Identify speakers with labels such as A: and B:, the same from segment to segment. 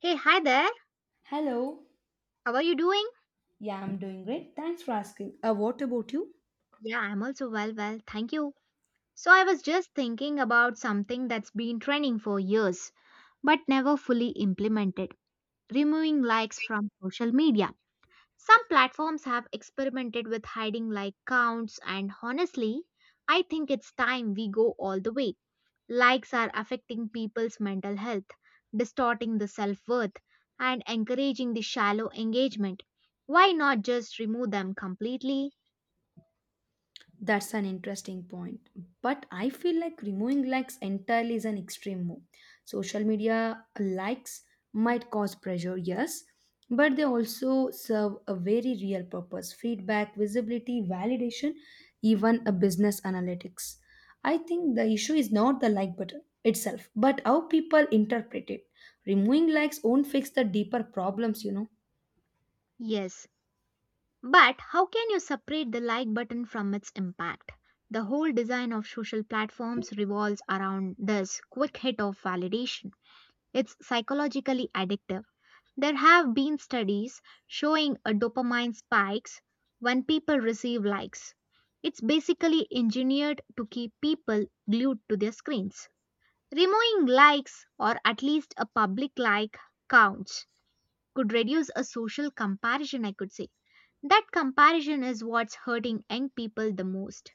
A: Hey, hi there.
B: Hello.
A: How are you doing?
B: Yeah, I'm doing great. Thanks for asking. Uh,
A: Yeah, I'm also well. Thank you. I was just thinking about something that's been trending for years but never fully implemented, removing likes from social media. Some platforms have experimented with hiding like counts, and honestly, I think it's time we go all the way. Likes are affecting people's mental health, distorting the self worth, and encouraging the shallow engagement. Why not just remove them completely?
B: that's an interesting point. But I feel like removing likes entirely is an extreme move. Social media likes might cause pressure, yes, but they also serve a very real purpose feedback, visibility, validation, even a business analytics. I think the issue is not the like button itself, but how people interpret it. Removing likes won't fix the deeper problems.
A: Yes, but how can you separate the like button from its impact? The whole design of social platforms revolves around this quick hit of validation. It's psychologically addictive. There have been studies showing a dopamine spikes when people receive likes. It's basically engineered to keep people glued to their screens. Removing likes, or at least a public like counts, could reduce a social comparison, I could say. That comparison is what's hurting young people the most.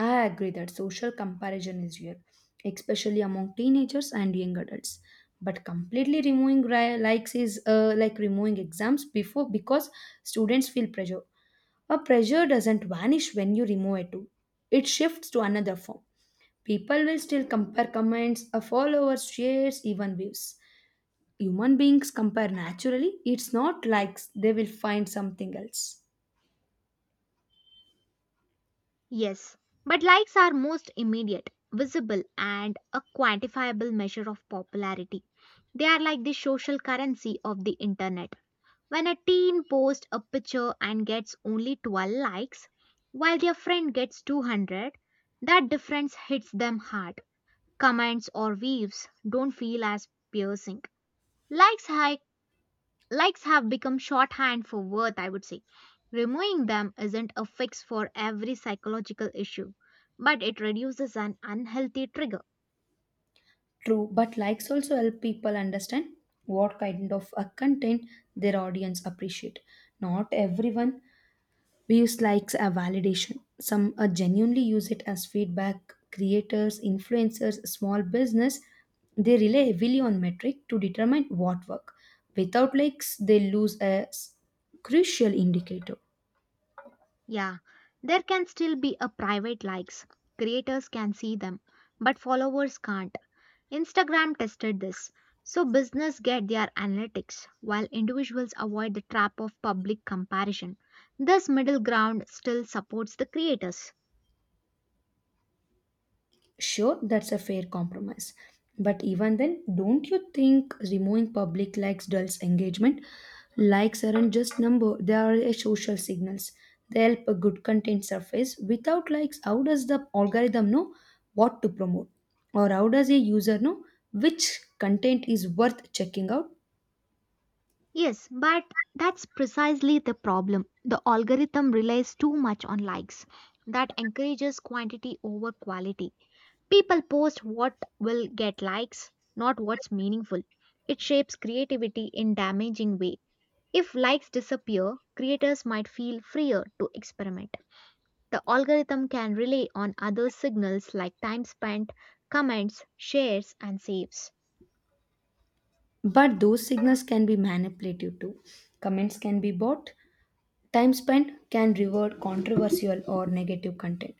B: I agree that social comparison is real, especially among teenagers and young adults. But completely likes is like removing exams before because students feel pressure. A pressure doesn't vanish when you remove it too. It shifts to another form. People will still compare comments, followers, shares, even views. Human beings compare naturally. It's not likes, they will find something else.
A: Yes, but likes are most immediate, visible, and a quantifiable measure of popularity. They are like the social currency of the internet. When a teen posts a picture and gets only 12 likes, while their friend gets 200, that difference hits them hard. Comments or waves don't feel as piercing. Likes I Likes have become shorthand for worth, I would say. Removing them isn't a fix for every psychological issue, but it reduces an unhealthy trigger.
B: True, but likes also help people understand what kind of content their audience appreciate. Not everyone views likes as validation. Some genuinely use it as feedback. Creators, influencers, small business, they rely heavily on metric to determine what work. Without likes, they lose crucial indicator.
A: Yeah, there can still be a private likes. Creators can see them, but followers can't. Instagram tested this. So business get their analytics while individuals avoid the trap of public comparison. This middle ground still supports the creators.
B: Sure, that's a fair compromise. But even then, don't you think removing public likes dulls engagement? Likes aren't just number, they are a social signals. They help a good content surface. Without likes, how does the algorithm know what to promote? Or how does a user know which content is worth checking out?
A: Yes, but that's precisely the problem. The algorithm relies too much on likes. That encourages quantity over quality. People post what will get likes, not what's meaningful. It shapes creativity in damaging way. If likes disappear, creators might feel freer to experiment. The algorithm can rely on other signals like time spent, comments, shares and saves.
B: But those signals can be manipulative too. Comments can be bought. Time spent can reward controversial or negative content.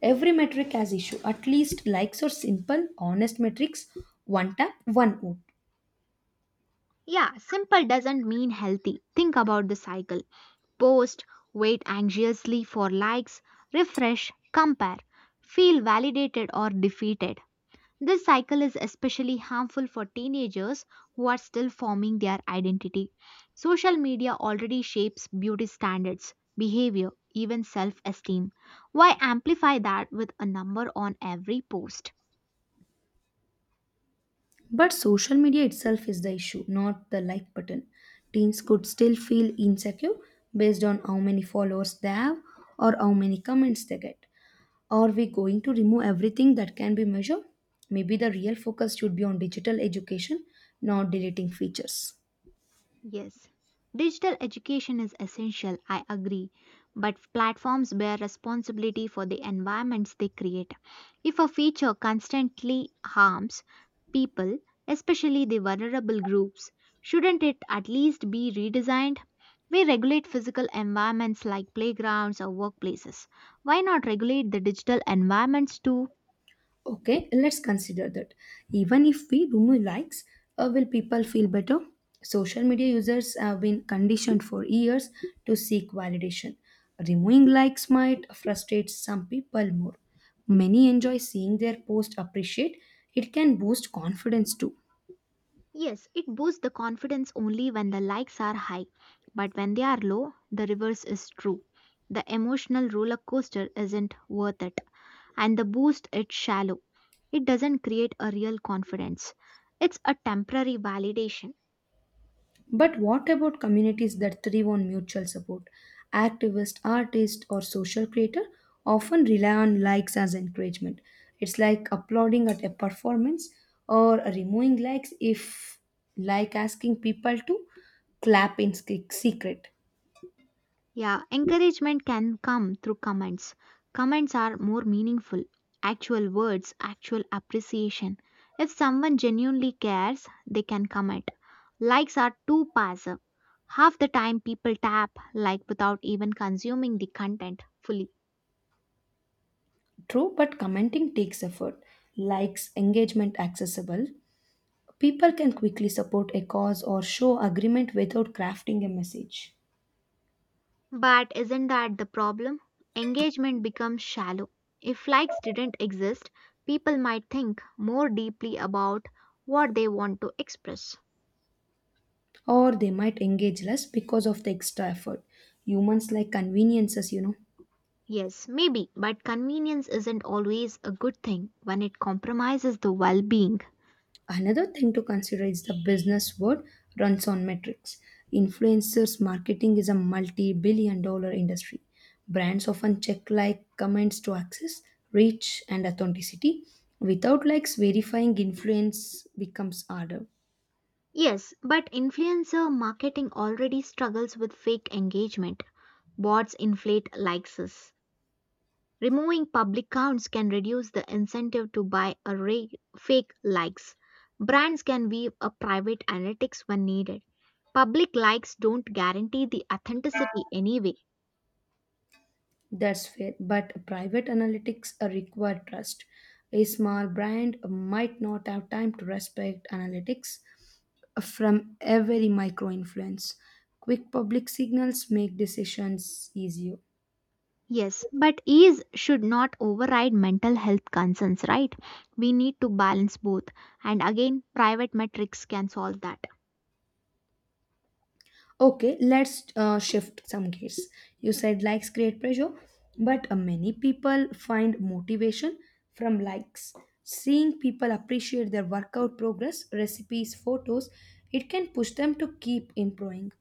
B: Every metric has issue. At least likes or simple, honest metrics, one tap, one vote.
A: Yeah, simple doesn't mean healthy. Think about the cycle. Post, wait anxiously for likes, refresh, compare, feel validated or defeated. This cycle is especially harmful for teenagers who are still forming their identity. Social media already shapes beauty standards, behavior, even self esteem. Why amplify that with a number on every post?
B: But social media itself is the issue, not the like button. Teens could still feel insecure based on how many followers they have or how many comments they get. Are we going to remove everything that can be measured? Maybe the real focus should be on digital education, not deleting features.
A: Yes, digital education is essential, I agree, but platforms bear responsibility for the environments they create. If a feature constantly harms people, especially the vulnerable groups, shouldn't it at least be redesigned? We regulate physical environments like playgrounds or workplaces. Why not regulate the digital environments too?
B: Okay, let's consider that. Even if we remove likes, will people feel better? Social media users have been conditioned for years to seek validation. Removing likes might frustrate some people more. Many enjoy seeing their post appreciate. It can boost confidence too.
A: Yes, it boosts the confidence only when the likes are high, but when they are low, the reverse is true. The emotional roller coaster isn't worth it, and the boost it's shallow. It doesn't create a real confidence. It's a temporary validation.
B: But what about communities that thrive on mutual support? Activists, artists, or social creators often rely on likes as encouragement. It's like applauding at a performance or removing likes if, like, asking people to clap in secret.
A: Yeah, encouragement can come through comments. Comments are more meaningful. Actual words, actual appreciation. If someone genuinely cares, they can comment. Likes are too passive. Half the time people tap like without even consuming the content fully.
B: True, but commenting takes effort. Likes engagement accessible. People can quickly support a cause or show agreement without crafting a message.
A: But isn't that the problem? Engagement becomes shallow. If likes didn't exist, people might think more deeply about what they want to express.
B: Or they might engage less because of the extra effort. Humans like conveniences.
A: Yes, maybe, but convenience isn't always a good thing when it compromises the well being.
B: Another thing to consider is the business world runs on metrics. Influencers marketing is a multi billion dollar industry. Brands often check like comments to access reach and authenticity. Without likes, verifying influence becomes harder.
A: Yes, but influencer marketing already struggles with fake engagement. Bots inflate likes. Removing public counts can reduce the incentive to buy a fake likes. Brands can weave a private analytics when needed. Public likes don't guarantee the authenticity anyway.
B: That's fair, but private analytics require trust. A small brand might not have time to respect analytics from every micro influence. Quick public signals make decisions easier.
A: Yes, but ease should not override mental health concerns, right? We need to balance both. And again, private metrics can solve that.
B: Okay, let's shift some gears. You said likes create pressure, but many people find motivation from likes. Seeing people appreciate their workout progress, recipes, photos, it can push them to keep improving.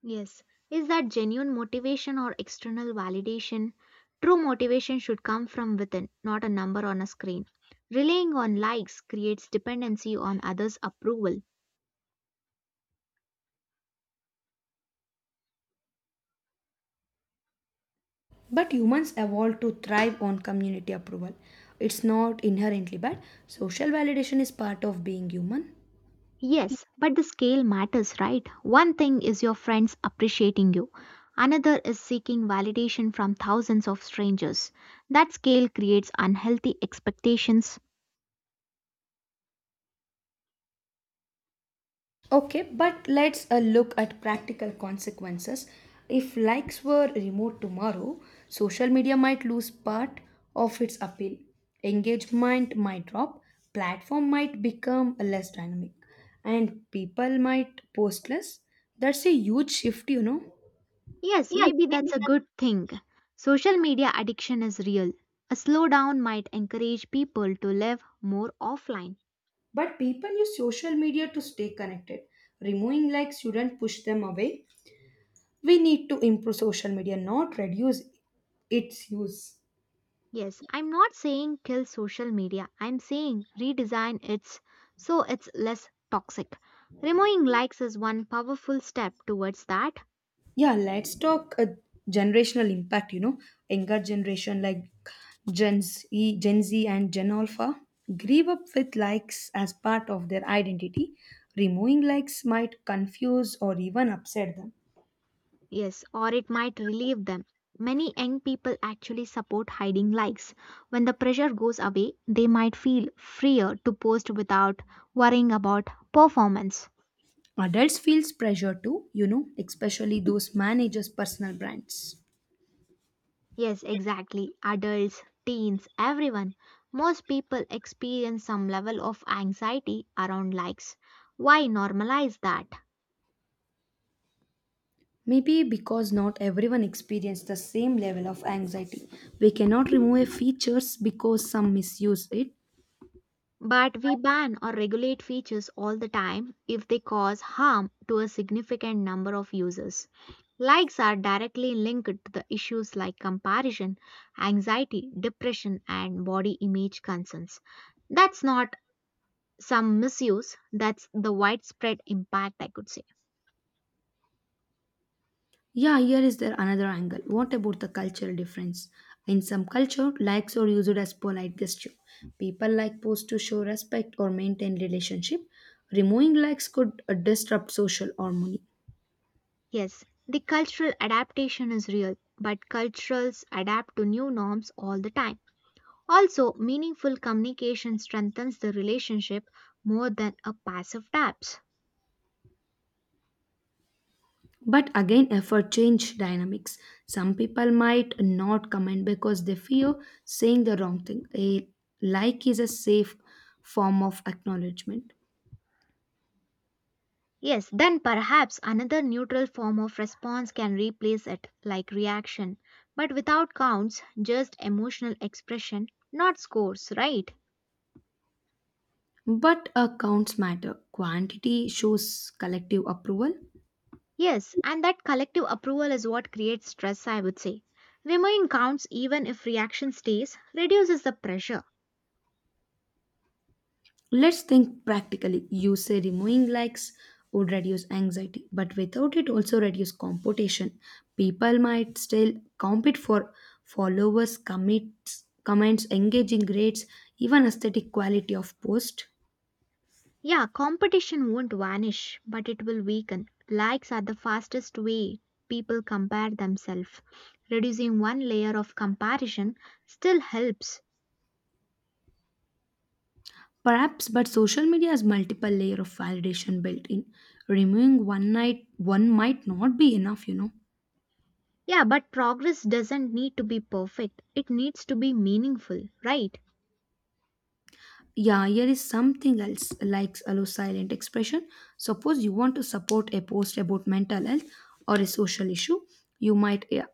A: Yes. Is that genuine motivation or external validation? True motivation should come from within, not a number on a screen. Relying on likes creates dependency on others' approval.
B: But humans evolved to thrive on community approval. It's not inherently bad. Social validation is part of being human.
A: Yes, but the scale matters, right? One thing is your friends appreciating you, another is seeking validation from thousands of strangers. That scale creates unhealthy expectations.
B: Okay, but let's look at practical consequences. If likes were removed tomorrow, social media might lose part of its appeal. Engagement might drop, platform might become less dynamic, and people might post less. That's a huge shift.
A: Yes, maybe that's a good thing. Social media addiction is real. A slowdown might encourage people to live more offline.
B: But people use social media to stay connected. Removing likes shouldn't push them away. We need to improve social media, not reduce its use.
A: Yes, I'm not saying kill social media. I'm saying redesign it so it's less toxic. Removing likes is one powerful step towards that.
B: Yeah, let's talk a generational impact. You know, younger generation like Gen Z and Gen Alpha grew up with likes as part of their identity. Removing likes might confuse or even upset them.
A: Yes, or it might relieve them. Many young people actually support hiding likes. When the pressure goes away, they might feel freer to post without worrying about performance.
B: Adults feels pressure too, you know, especially those managers personal brands.
A: Yes, exactly. Adults, teens, everyone. Most people experience some level of anxiety around likes. Why normalize that?
B: Maybe because not everyone experiences the same level of anxiety. We cannot remove a features because some misuse it.
A: But we ban or regulate features all the time if they cause harm to a significant number of users. Likes are directly linked to the issues like comparison, anxiety, depression, and body image concerns. That's not some misuse, that's the widespread impact, I could say.
B: Yeah, here is there another angle. What about the cultural difference? In some culture, likes are used as polite gesture. People like posts to show respect or maintain relationship. Removing likes could disrupt social harmony.
A: Yes, the cultural adaptation is real, but cultures adapt to new norms all the time. Also, meaningful communication strengthens the relationship more than a passive taps.
B: But again, effort change dynamics. Some people might not comment because they fear saying the wrong thing. A like is a safe form of acknowledgement.
A: Yes, then perhaps another neutral form of response can replace it, like reaction, but without counts, just emotional expression, not scores, right?
B: But accounts matter. Quantity shows collective approval.
A: Yes, and that collective approval is what creates stress, I would say. Remaining counts even if reaction stays, reduces the pressure.
B: Let's think practically. You say removing likes would reduce anxiety, but without it also reduce competition. People might still compete for followers, commits, comments, engaging rates, even aesthetic quality of post.
A: Yeah, competition won't vanish, but it will weaken. Likes are the fastest way people compare themselves. Reducing one layer of comparison still helps.
B: Perhaps, but social media has multiple layer of validation built in. Removing one might not be enough.
A: Yeah, but progress doesn't need to be perfect, it needs to be meaningful, right?
B: Yeah, here is something else like allow silent expression. Suppose you want to support a post about mental health or a social issue, you might yeah,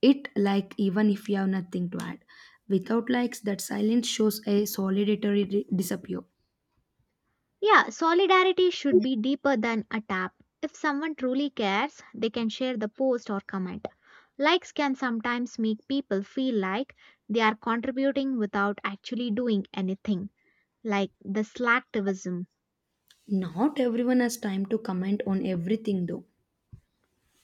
B: it like even if you have nothing to add. Without likes, that silence shows a disappear.
A: Yeah, solidarity should be deeper than a tap. If someone truly cares, they can share the post or comment. Likes can sometimes make people feel like they are contributing without actually doing anything, like the slacktivism.
B: Not everyone has time to comment on everything though.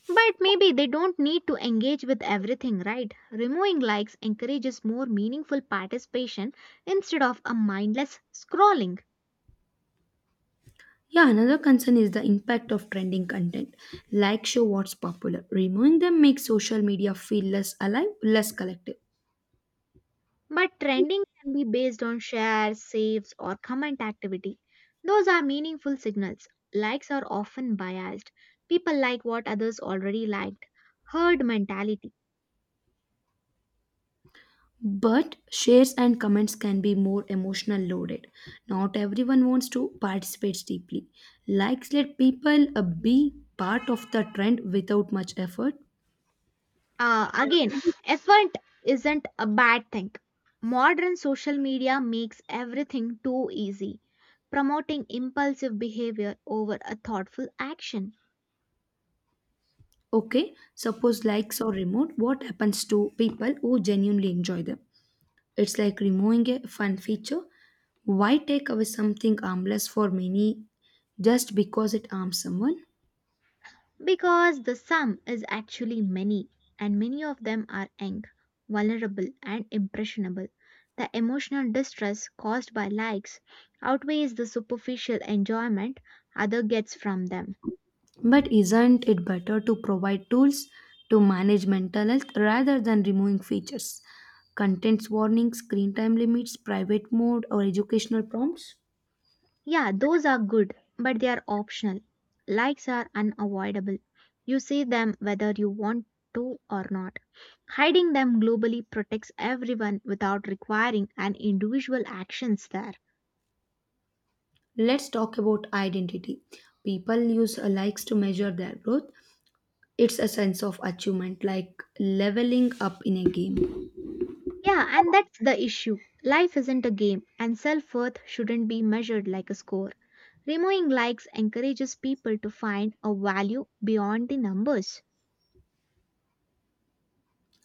A: But maybe they don't need to engage with everything, right? Removing likes encourages more meaningful participation instead of a mindless scrolling.
B: Yeah, another concern is the impact of trending content. Like show what's popular. Removing them makes social media feel less alive, less collective.
A: But trending can be based on shares, saves, or comment activity. Those are meaningful signals. Likes are often biased. People like what others already liked. Herd mentality.
B: But shares and comments can be more emotional loaded. Not everyone wants to participate deeply. Likes let people be part of the trend without much effort.
A: Again, effort isn't a bad thing. Modern social media makes everything too easy, promoting impulsive behavior over a thoughtful action.
B: Okay, suppose likes are removed, what happens to people who genuinely enjoy them? It's like removing a fun feature. Why take away something harmless for many just because it harms someone?
A: Because the sum is actually many, and many of them are young, vulnerable, and impressionable. The emotional distress caused by likes outweighs the superficial enjoyment other gets from them.
B: But isn't it better to provide tools to manage mental health rather than removing features? Contents warnings, screen time limits, private mode, or educational prompts?
A: Yeah, those are good, but they are optional. Likes are unavoidable. You see them whether you want to or not. Hiding them globally protects everyone without requiring an individual actions there.
B: Let's talk about identity. People use likes to measure their growth. It's a sense of achievement, like leveling up in a game.
A: Yeah, and that's the issue. Life isn't a game, and self worth shouldn't be measured like a score. Removing likes encourages people to find a value beyond the numbers.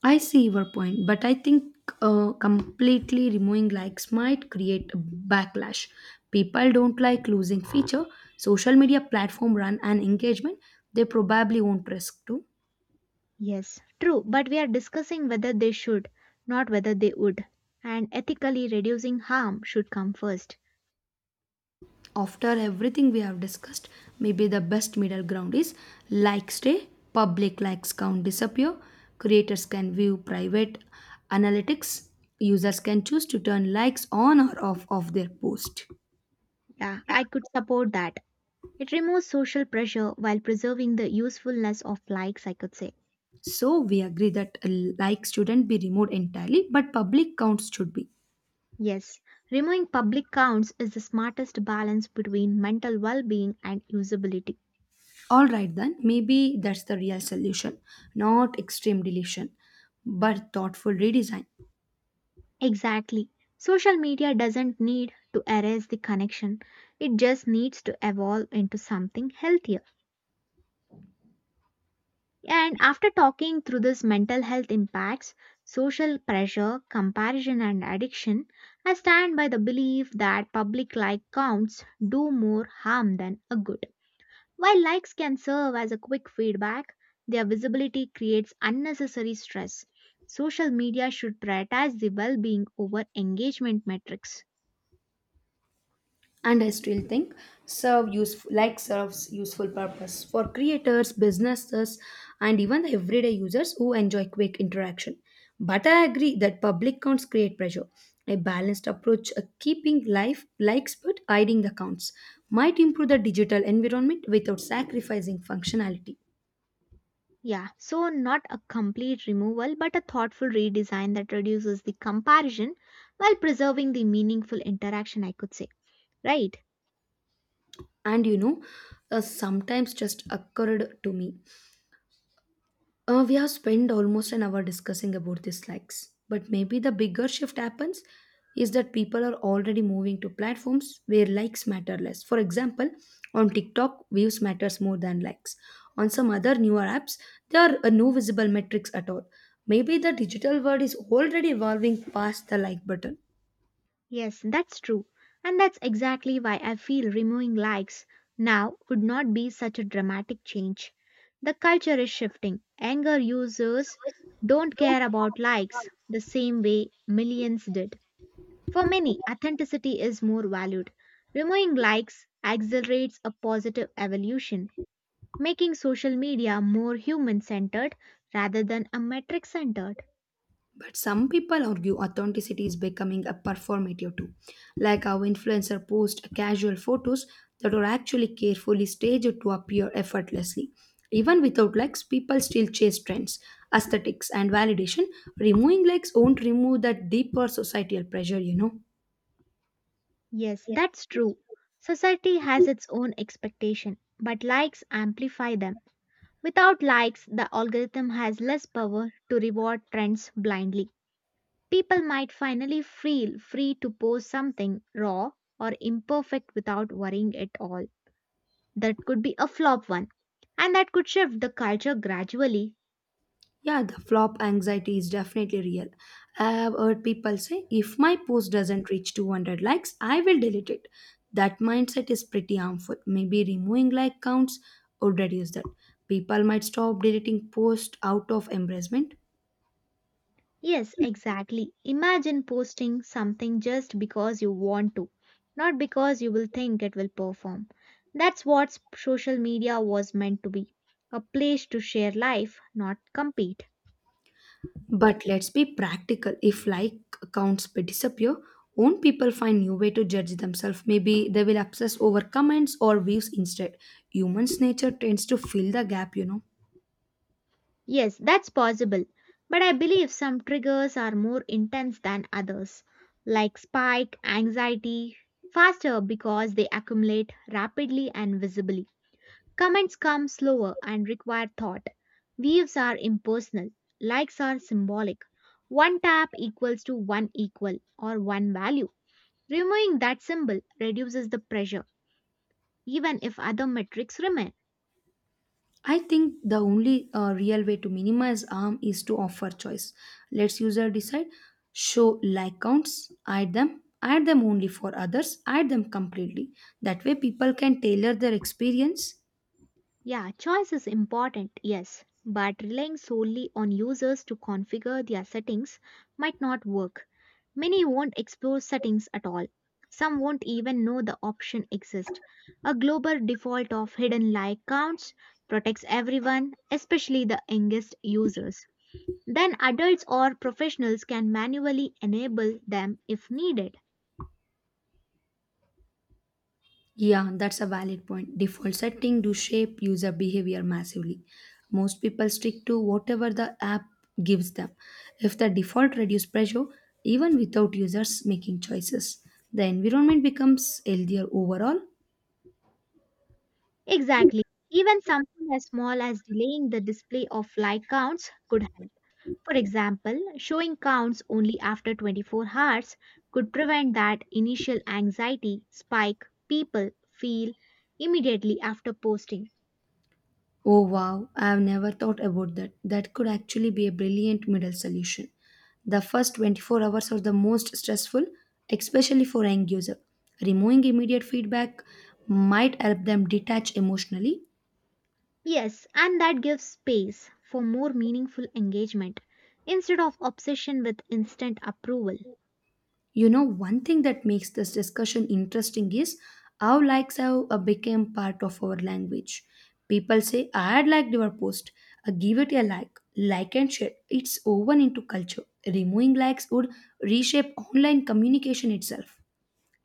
B: I see your point, but I think completely removing likes might create a backlash. People don't like losing feature. Social media platform run and engagement, they probably won't press to.
A: Yes, true, but we are discussing whether they should, not whether they would. And ethically reducing harm should come first.
B: After everything we have discussed, maybe the best middle ground is likes stay, public likes count disappear, creators can view private analytics, users can choose to turn likes on or off of their post.
A: Yeah, I could support that. It removes social pressure while preserving the usefulness of likes, I could say.
B: So we agree that likes shouldn't be removed entirely, but public counts should be.
A: Yes, removing public counts is the smartest balance between mental well being and usability.
B: All right, then maybe that's the real solution, not extreme deletion, but thoughtful redesign.
A: Exactly. Social media doesn't need to erase the connection, it just needs to evolve into something healthier. And after talking through this mental health impacts, social pressure, comparison, and addiction, I stand by the belief that public like counts do more harm than a good. While likes can serve as a quick feedback, their visibility creates unnecessary stress. Social media should prioritize the well being over engagement metrics.
B: And I still think serves useful purpose for creators businesses and even the everyday users who enjoy quick interaction, but I agree that public counts create pressure. A balanced approach, keeping life likes but hiding the counts, might improve the digital environment without sacrificing functionality.
A: Yeah, so not a complete removal, but a thoughtful redesign that reduces the comparison while preserving the meaningful interaction, I could say. Right?
B: And you know, sometimes just occurred to me, we have spent almost an hour discussing about these likes, but maybe the bigger shift happens is that people are already moving to platforms where likes matter less. For example, on TikTok, views matters more than likes. On some other newer apps, there are no visible metrics at all. Maybe the digital world is already evolving past the like button.
A: Yes, that's true. And that's exactly why I feel removing likes now would not be such a dramatic change. The culture is shifting. Anger users don't care about likes the same way millions did. For many, authenticity is more valued. Removing likes accelerates a positive evolution, making social media more human centered rather than a metric centered.
B: But some people argue authenticity is becoming a performative too, like how influencer post casual photos that are actually carefully staged to appear effortlessly. Even without likes, people still chase trends, aesthetics, and validation. Removing likes won't remove that deeper societal pressure.
A: Yes, that's true. Society has its own expectation, but likes amplify them. Without likes, the algorithm has less power to reward trends blindly. People might finally feel free to post something raw or imperfect without worrying at all. That could be a flop one, and that could shift the culture gradually.
B: Yeah, the flop anxiety is definitely real. I have heard people say, if my post doesn't reach 200 likes, I will delete it. That mindset is pretty harmful. Maybe removing like counts would reduce that. People might stop deleting posts out of embarrassment.
A: Yes, exactly. Imagine posting something just because you want to, not because you will think it will perform. That's what social media was meant to be, a place to share life, not compete.
B: But let's be practical. If like accounts disappear, won't people find new way to judge themselves? Maybe they will obsess over comments or views instead. Humans' nature tends to fill the gap.
A: Yes, that's possible. But I believe some triggers are more intense than others, like spike, anxiety, faster because they accumulate rapidly and visibly. Comments come slower and require thought. Waves are impersonal, likes are symbolic. One tap equals to one equal or one value. Removing that symbol reduces the pressure, even if other metrics remain.
B: I think the only real way to minimize harm is to offer choice. Let's user decide, show like counts, add them only for others, add them completely. That way people can tailor their experience.
A: Yeah, choice is important, yes, but relying solely on users to configure their settings might not work. Many won't explore settings at all. Some won't even know the option exists. A global default of hidden like counts protects everyone, especially the youngest users. Then adults or professionals can manually enable them if needed.
B: Yeah, that's a valid point. Default setting do shape user behavior massively. Most people stick to whatever the app gives them. If the default reduce pressure, even without users making choices, the environment becomes healthier overall.
A: Exactly. Even something as small as delaying the display of like counts could help. For example, showing counts only after 24 hours could prevent that initial anxiety spike people feel immediately after posting.
B: Oh wow, I have never thought about that. That could actually be a brilliant middle solution. The first 24 hours are the most stressful, especially for end user. Removing immediate feedback might help them detach emotionally.
A: Yes, and that gives space for more meaningful engagement instead of obsession with instant approval.
B: You know, one thing that makes this discussion interesting is how likes have become part of our language. People say, I had liked your post, give it a like and share. It's woven into culture. Removing likes would reshape online communication itself.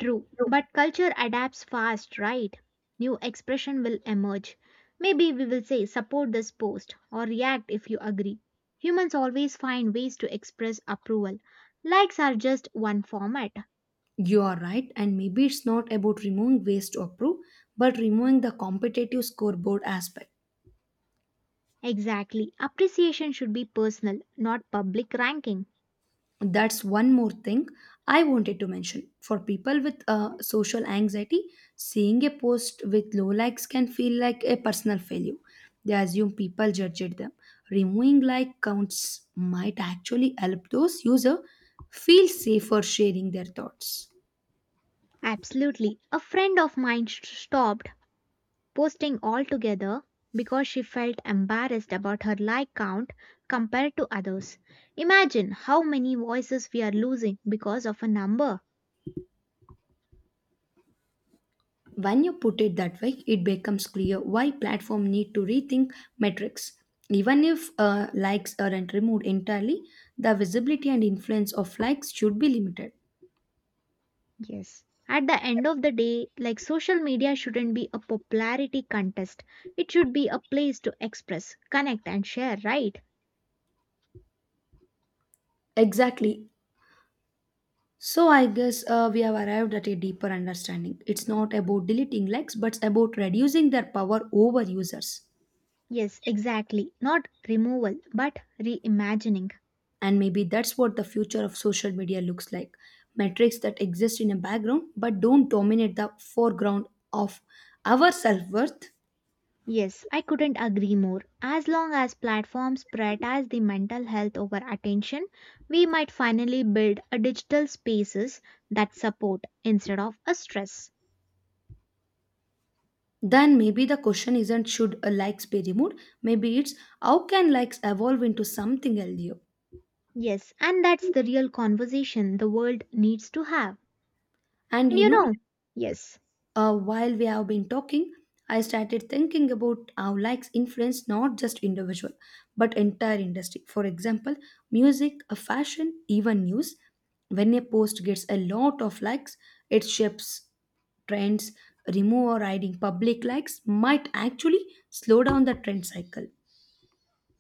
A: True, but culture adapts fast, right? New expression will emerge. Maybe we will say support this post or react if you agree. Humans always find ways to express approval. Likes are just one format.
B: You are right, and maybe it's not about removing ways to approve, but removing the competitive scoreboard aspect.
A: Exactly. Appreciation should be personal, not public ranking.
B: That's one more thing I wanted to mention. For people with social anxiety, seeing a post with low likes can feel like a personal failure. They assume people judged them. Removing like counts might actually help those users feel safer sharing their thoughts.
A: Absolutely. A friend of mine stopped posting altogether because she felt embarrassed about her like count compared to others. Imagine how many voices we are losing because of a number.
B: When you put it that way it becomes clear why platform need to rethink metrics. Even if likes aren't removed entirely, the visibility and influence of likes should be limited.
A: Yes. At the end of the day, like social media shouldn't be a popularity contest. It should be a place to express, connect, and share, right?
B: Exactly. So I guess we have arrived at a deeper understanding. It's not about deleting likes, but it's about reducing their power over users.
A: Yes, exactly. Not removal, but reimagining.
B: And maybe that's what the future of social media looks like. Metrics that exist in a background but don't dominate the foreground of our self worth.
A: Yes, I couldn't agree more. As long as platforms prioritize the mental health over attention, we might finally build a digital spaces that support instead of a stress.
B: Then maybe the question isn't should a likes be removed? Maybe it's how can likes evolve into something healthier?
A: Yes, and that's the real conversation the world needs to have.
B: And
A: And
B: you
A: you
B: know,
A: know, yes,
B: While we have been talking, I started thinking about how likes influence not just individual but entire industry. For example, music, fashion, even news. When a post gets a lot of likes, it shapes trends. Remove or hiding public likes might actually slow down the trend cycle.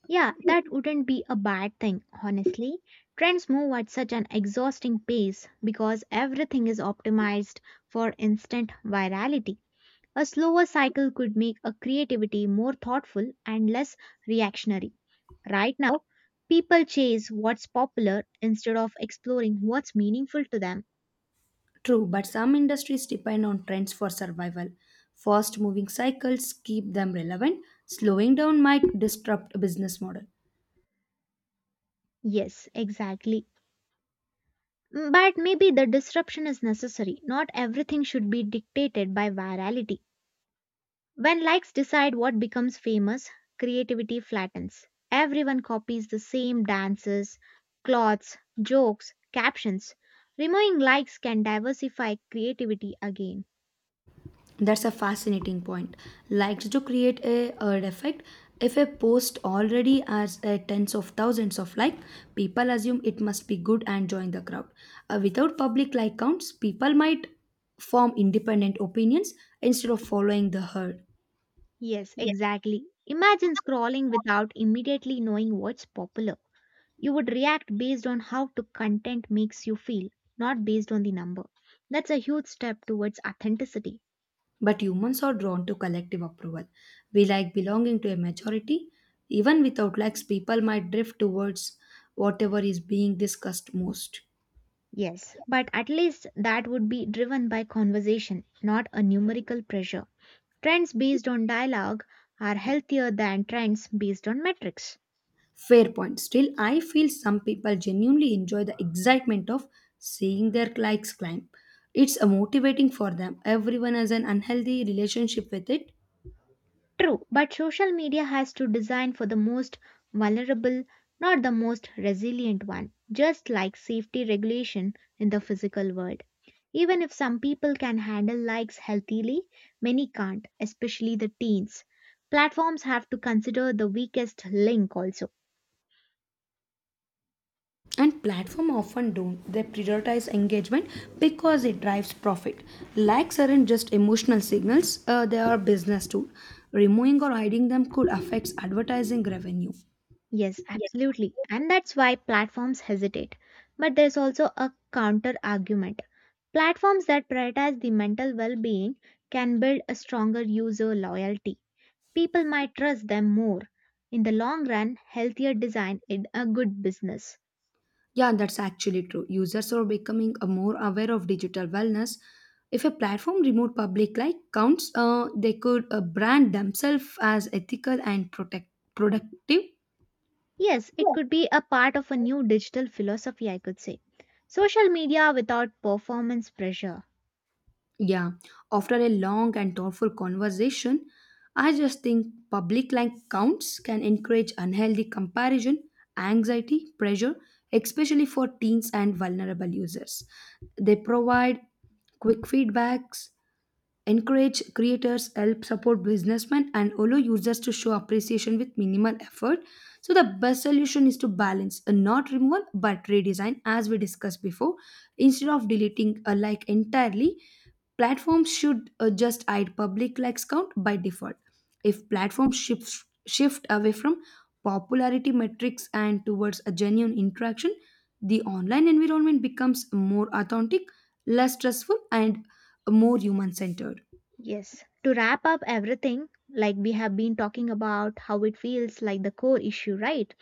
A: yeah, that wouldn't be a bad thing, honestly. Trends move at such an exhausting pace because everything is optimized for instant virality. A slower cycle could make a creativity more thoughtful and less reactionary. Right now, people chase what's popular instead of exploring what's meaningful to them.
B: True, but some industries depend on trends for survival. Fast moving cycles keep them relevant. Slowing down might disrupt a business model.
A: Yes, exactly. But maybe the disruption is necessary. Not everything should be dictated by virality. When likes decide what becomes famous, creativity flattens. Everyone copies the same dances, clothes, jokes, captions. Removing likes can diversify creativity again.
B: That's a fascinating point. Likes to create a, herd effect. If a post already has a tens of thousands of like, people assume it must be good and join the crowd. Without public like counts, people might form independent opinions instead of following the herd.
A: Yes, exactly. Imagine scrolling without immediately knowing what's popular. You would react based on how the content makes you feel, not based on the number. That's a huge step towards authenticity.
B: But humans are drawn to collective approval. We like belonging to a majority. Even without likes, people might drift towards whatever is being discussed most.
A: Yes, but at least that would be driven by conversation, not a numerical pressure. Trends based on dialogue are healthier than trends based on metrics.
B: Fair point. Still, I feel some people genuinely enjoy the excitement of seeing their likes climb. It's a motivating for them. Everyone has an unhealthy relationship with it,
A: True, but social media has to design for the most vulnerable, not the most resilient one, just like safety regulation in the physical world. Even if some people can handle likes healthily, many can't, especially the teens. Platforms have to consider the weakest link also.
B: and platform often don't. They prioritize engagement because it drives profit. Likes aren't just emotional signals; they are business tool. Removing or hiding them could affect advertising revenue.
A: Yes, absolutely. And that's why platforms hesitate. But there's also a counter argument. Platforms that prioritize the mental well being can build a stronger user loyalty. People might trust them more. In the long run, healthier design is a good business.
B: Yeah, that's actually true. Users are becoming more aware of digital wellness. If a platform removed public like counts, they could brand themselves as ethical and protect productive.
A: Yes, it could be a part of a new digital philosophy, I could say. Social media without performance pressure.
B: Yeah. After a long and thoughtful conversation, I just think public like counts can encourage unhealthy comparison, anxiety, pressure, especially for teens and vulnerable users. They provide quick feedbacks, encourage creators, help support businessmen, and allow users to show appreciation with minimal effort. So the best solution is to balance a not removal but redesign as we discussed before. Instead of deleting a like entirely, platforms should just hide public likes count by default. If platforms shift away from popularity metrics and towards a genuine interaction, the online environment becomes more authentic, less stressful, and more human centered.
A: Yes. To wrap up everything, like we have been talking about how it feels like the core issue, right?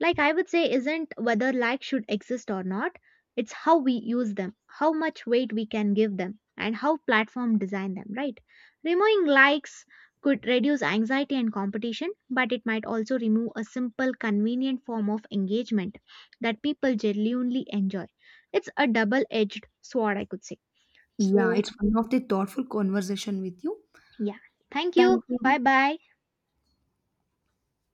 A: Like, I would say isn't whether likes should exist or not. It's how we use them, how much weight we can give them, and how platform design them, right? Removing likes could reduce anxiety and competition, but it might also remove a simple convenient form of engagement that people genuinely enjoy. It's a double edged sword, I could say.
B: Yeah,
A: So,
B: it's one of the thoughtful conversation with you.
A: yeah, thank you.
B: Thank
A: Bye bye.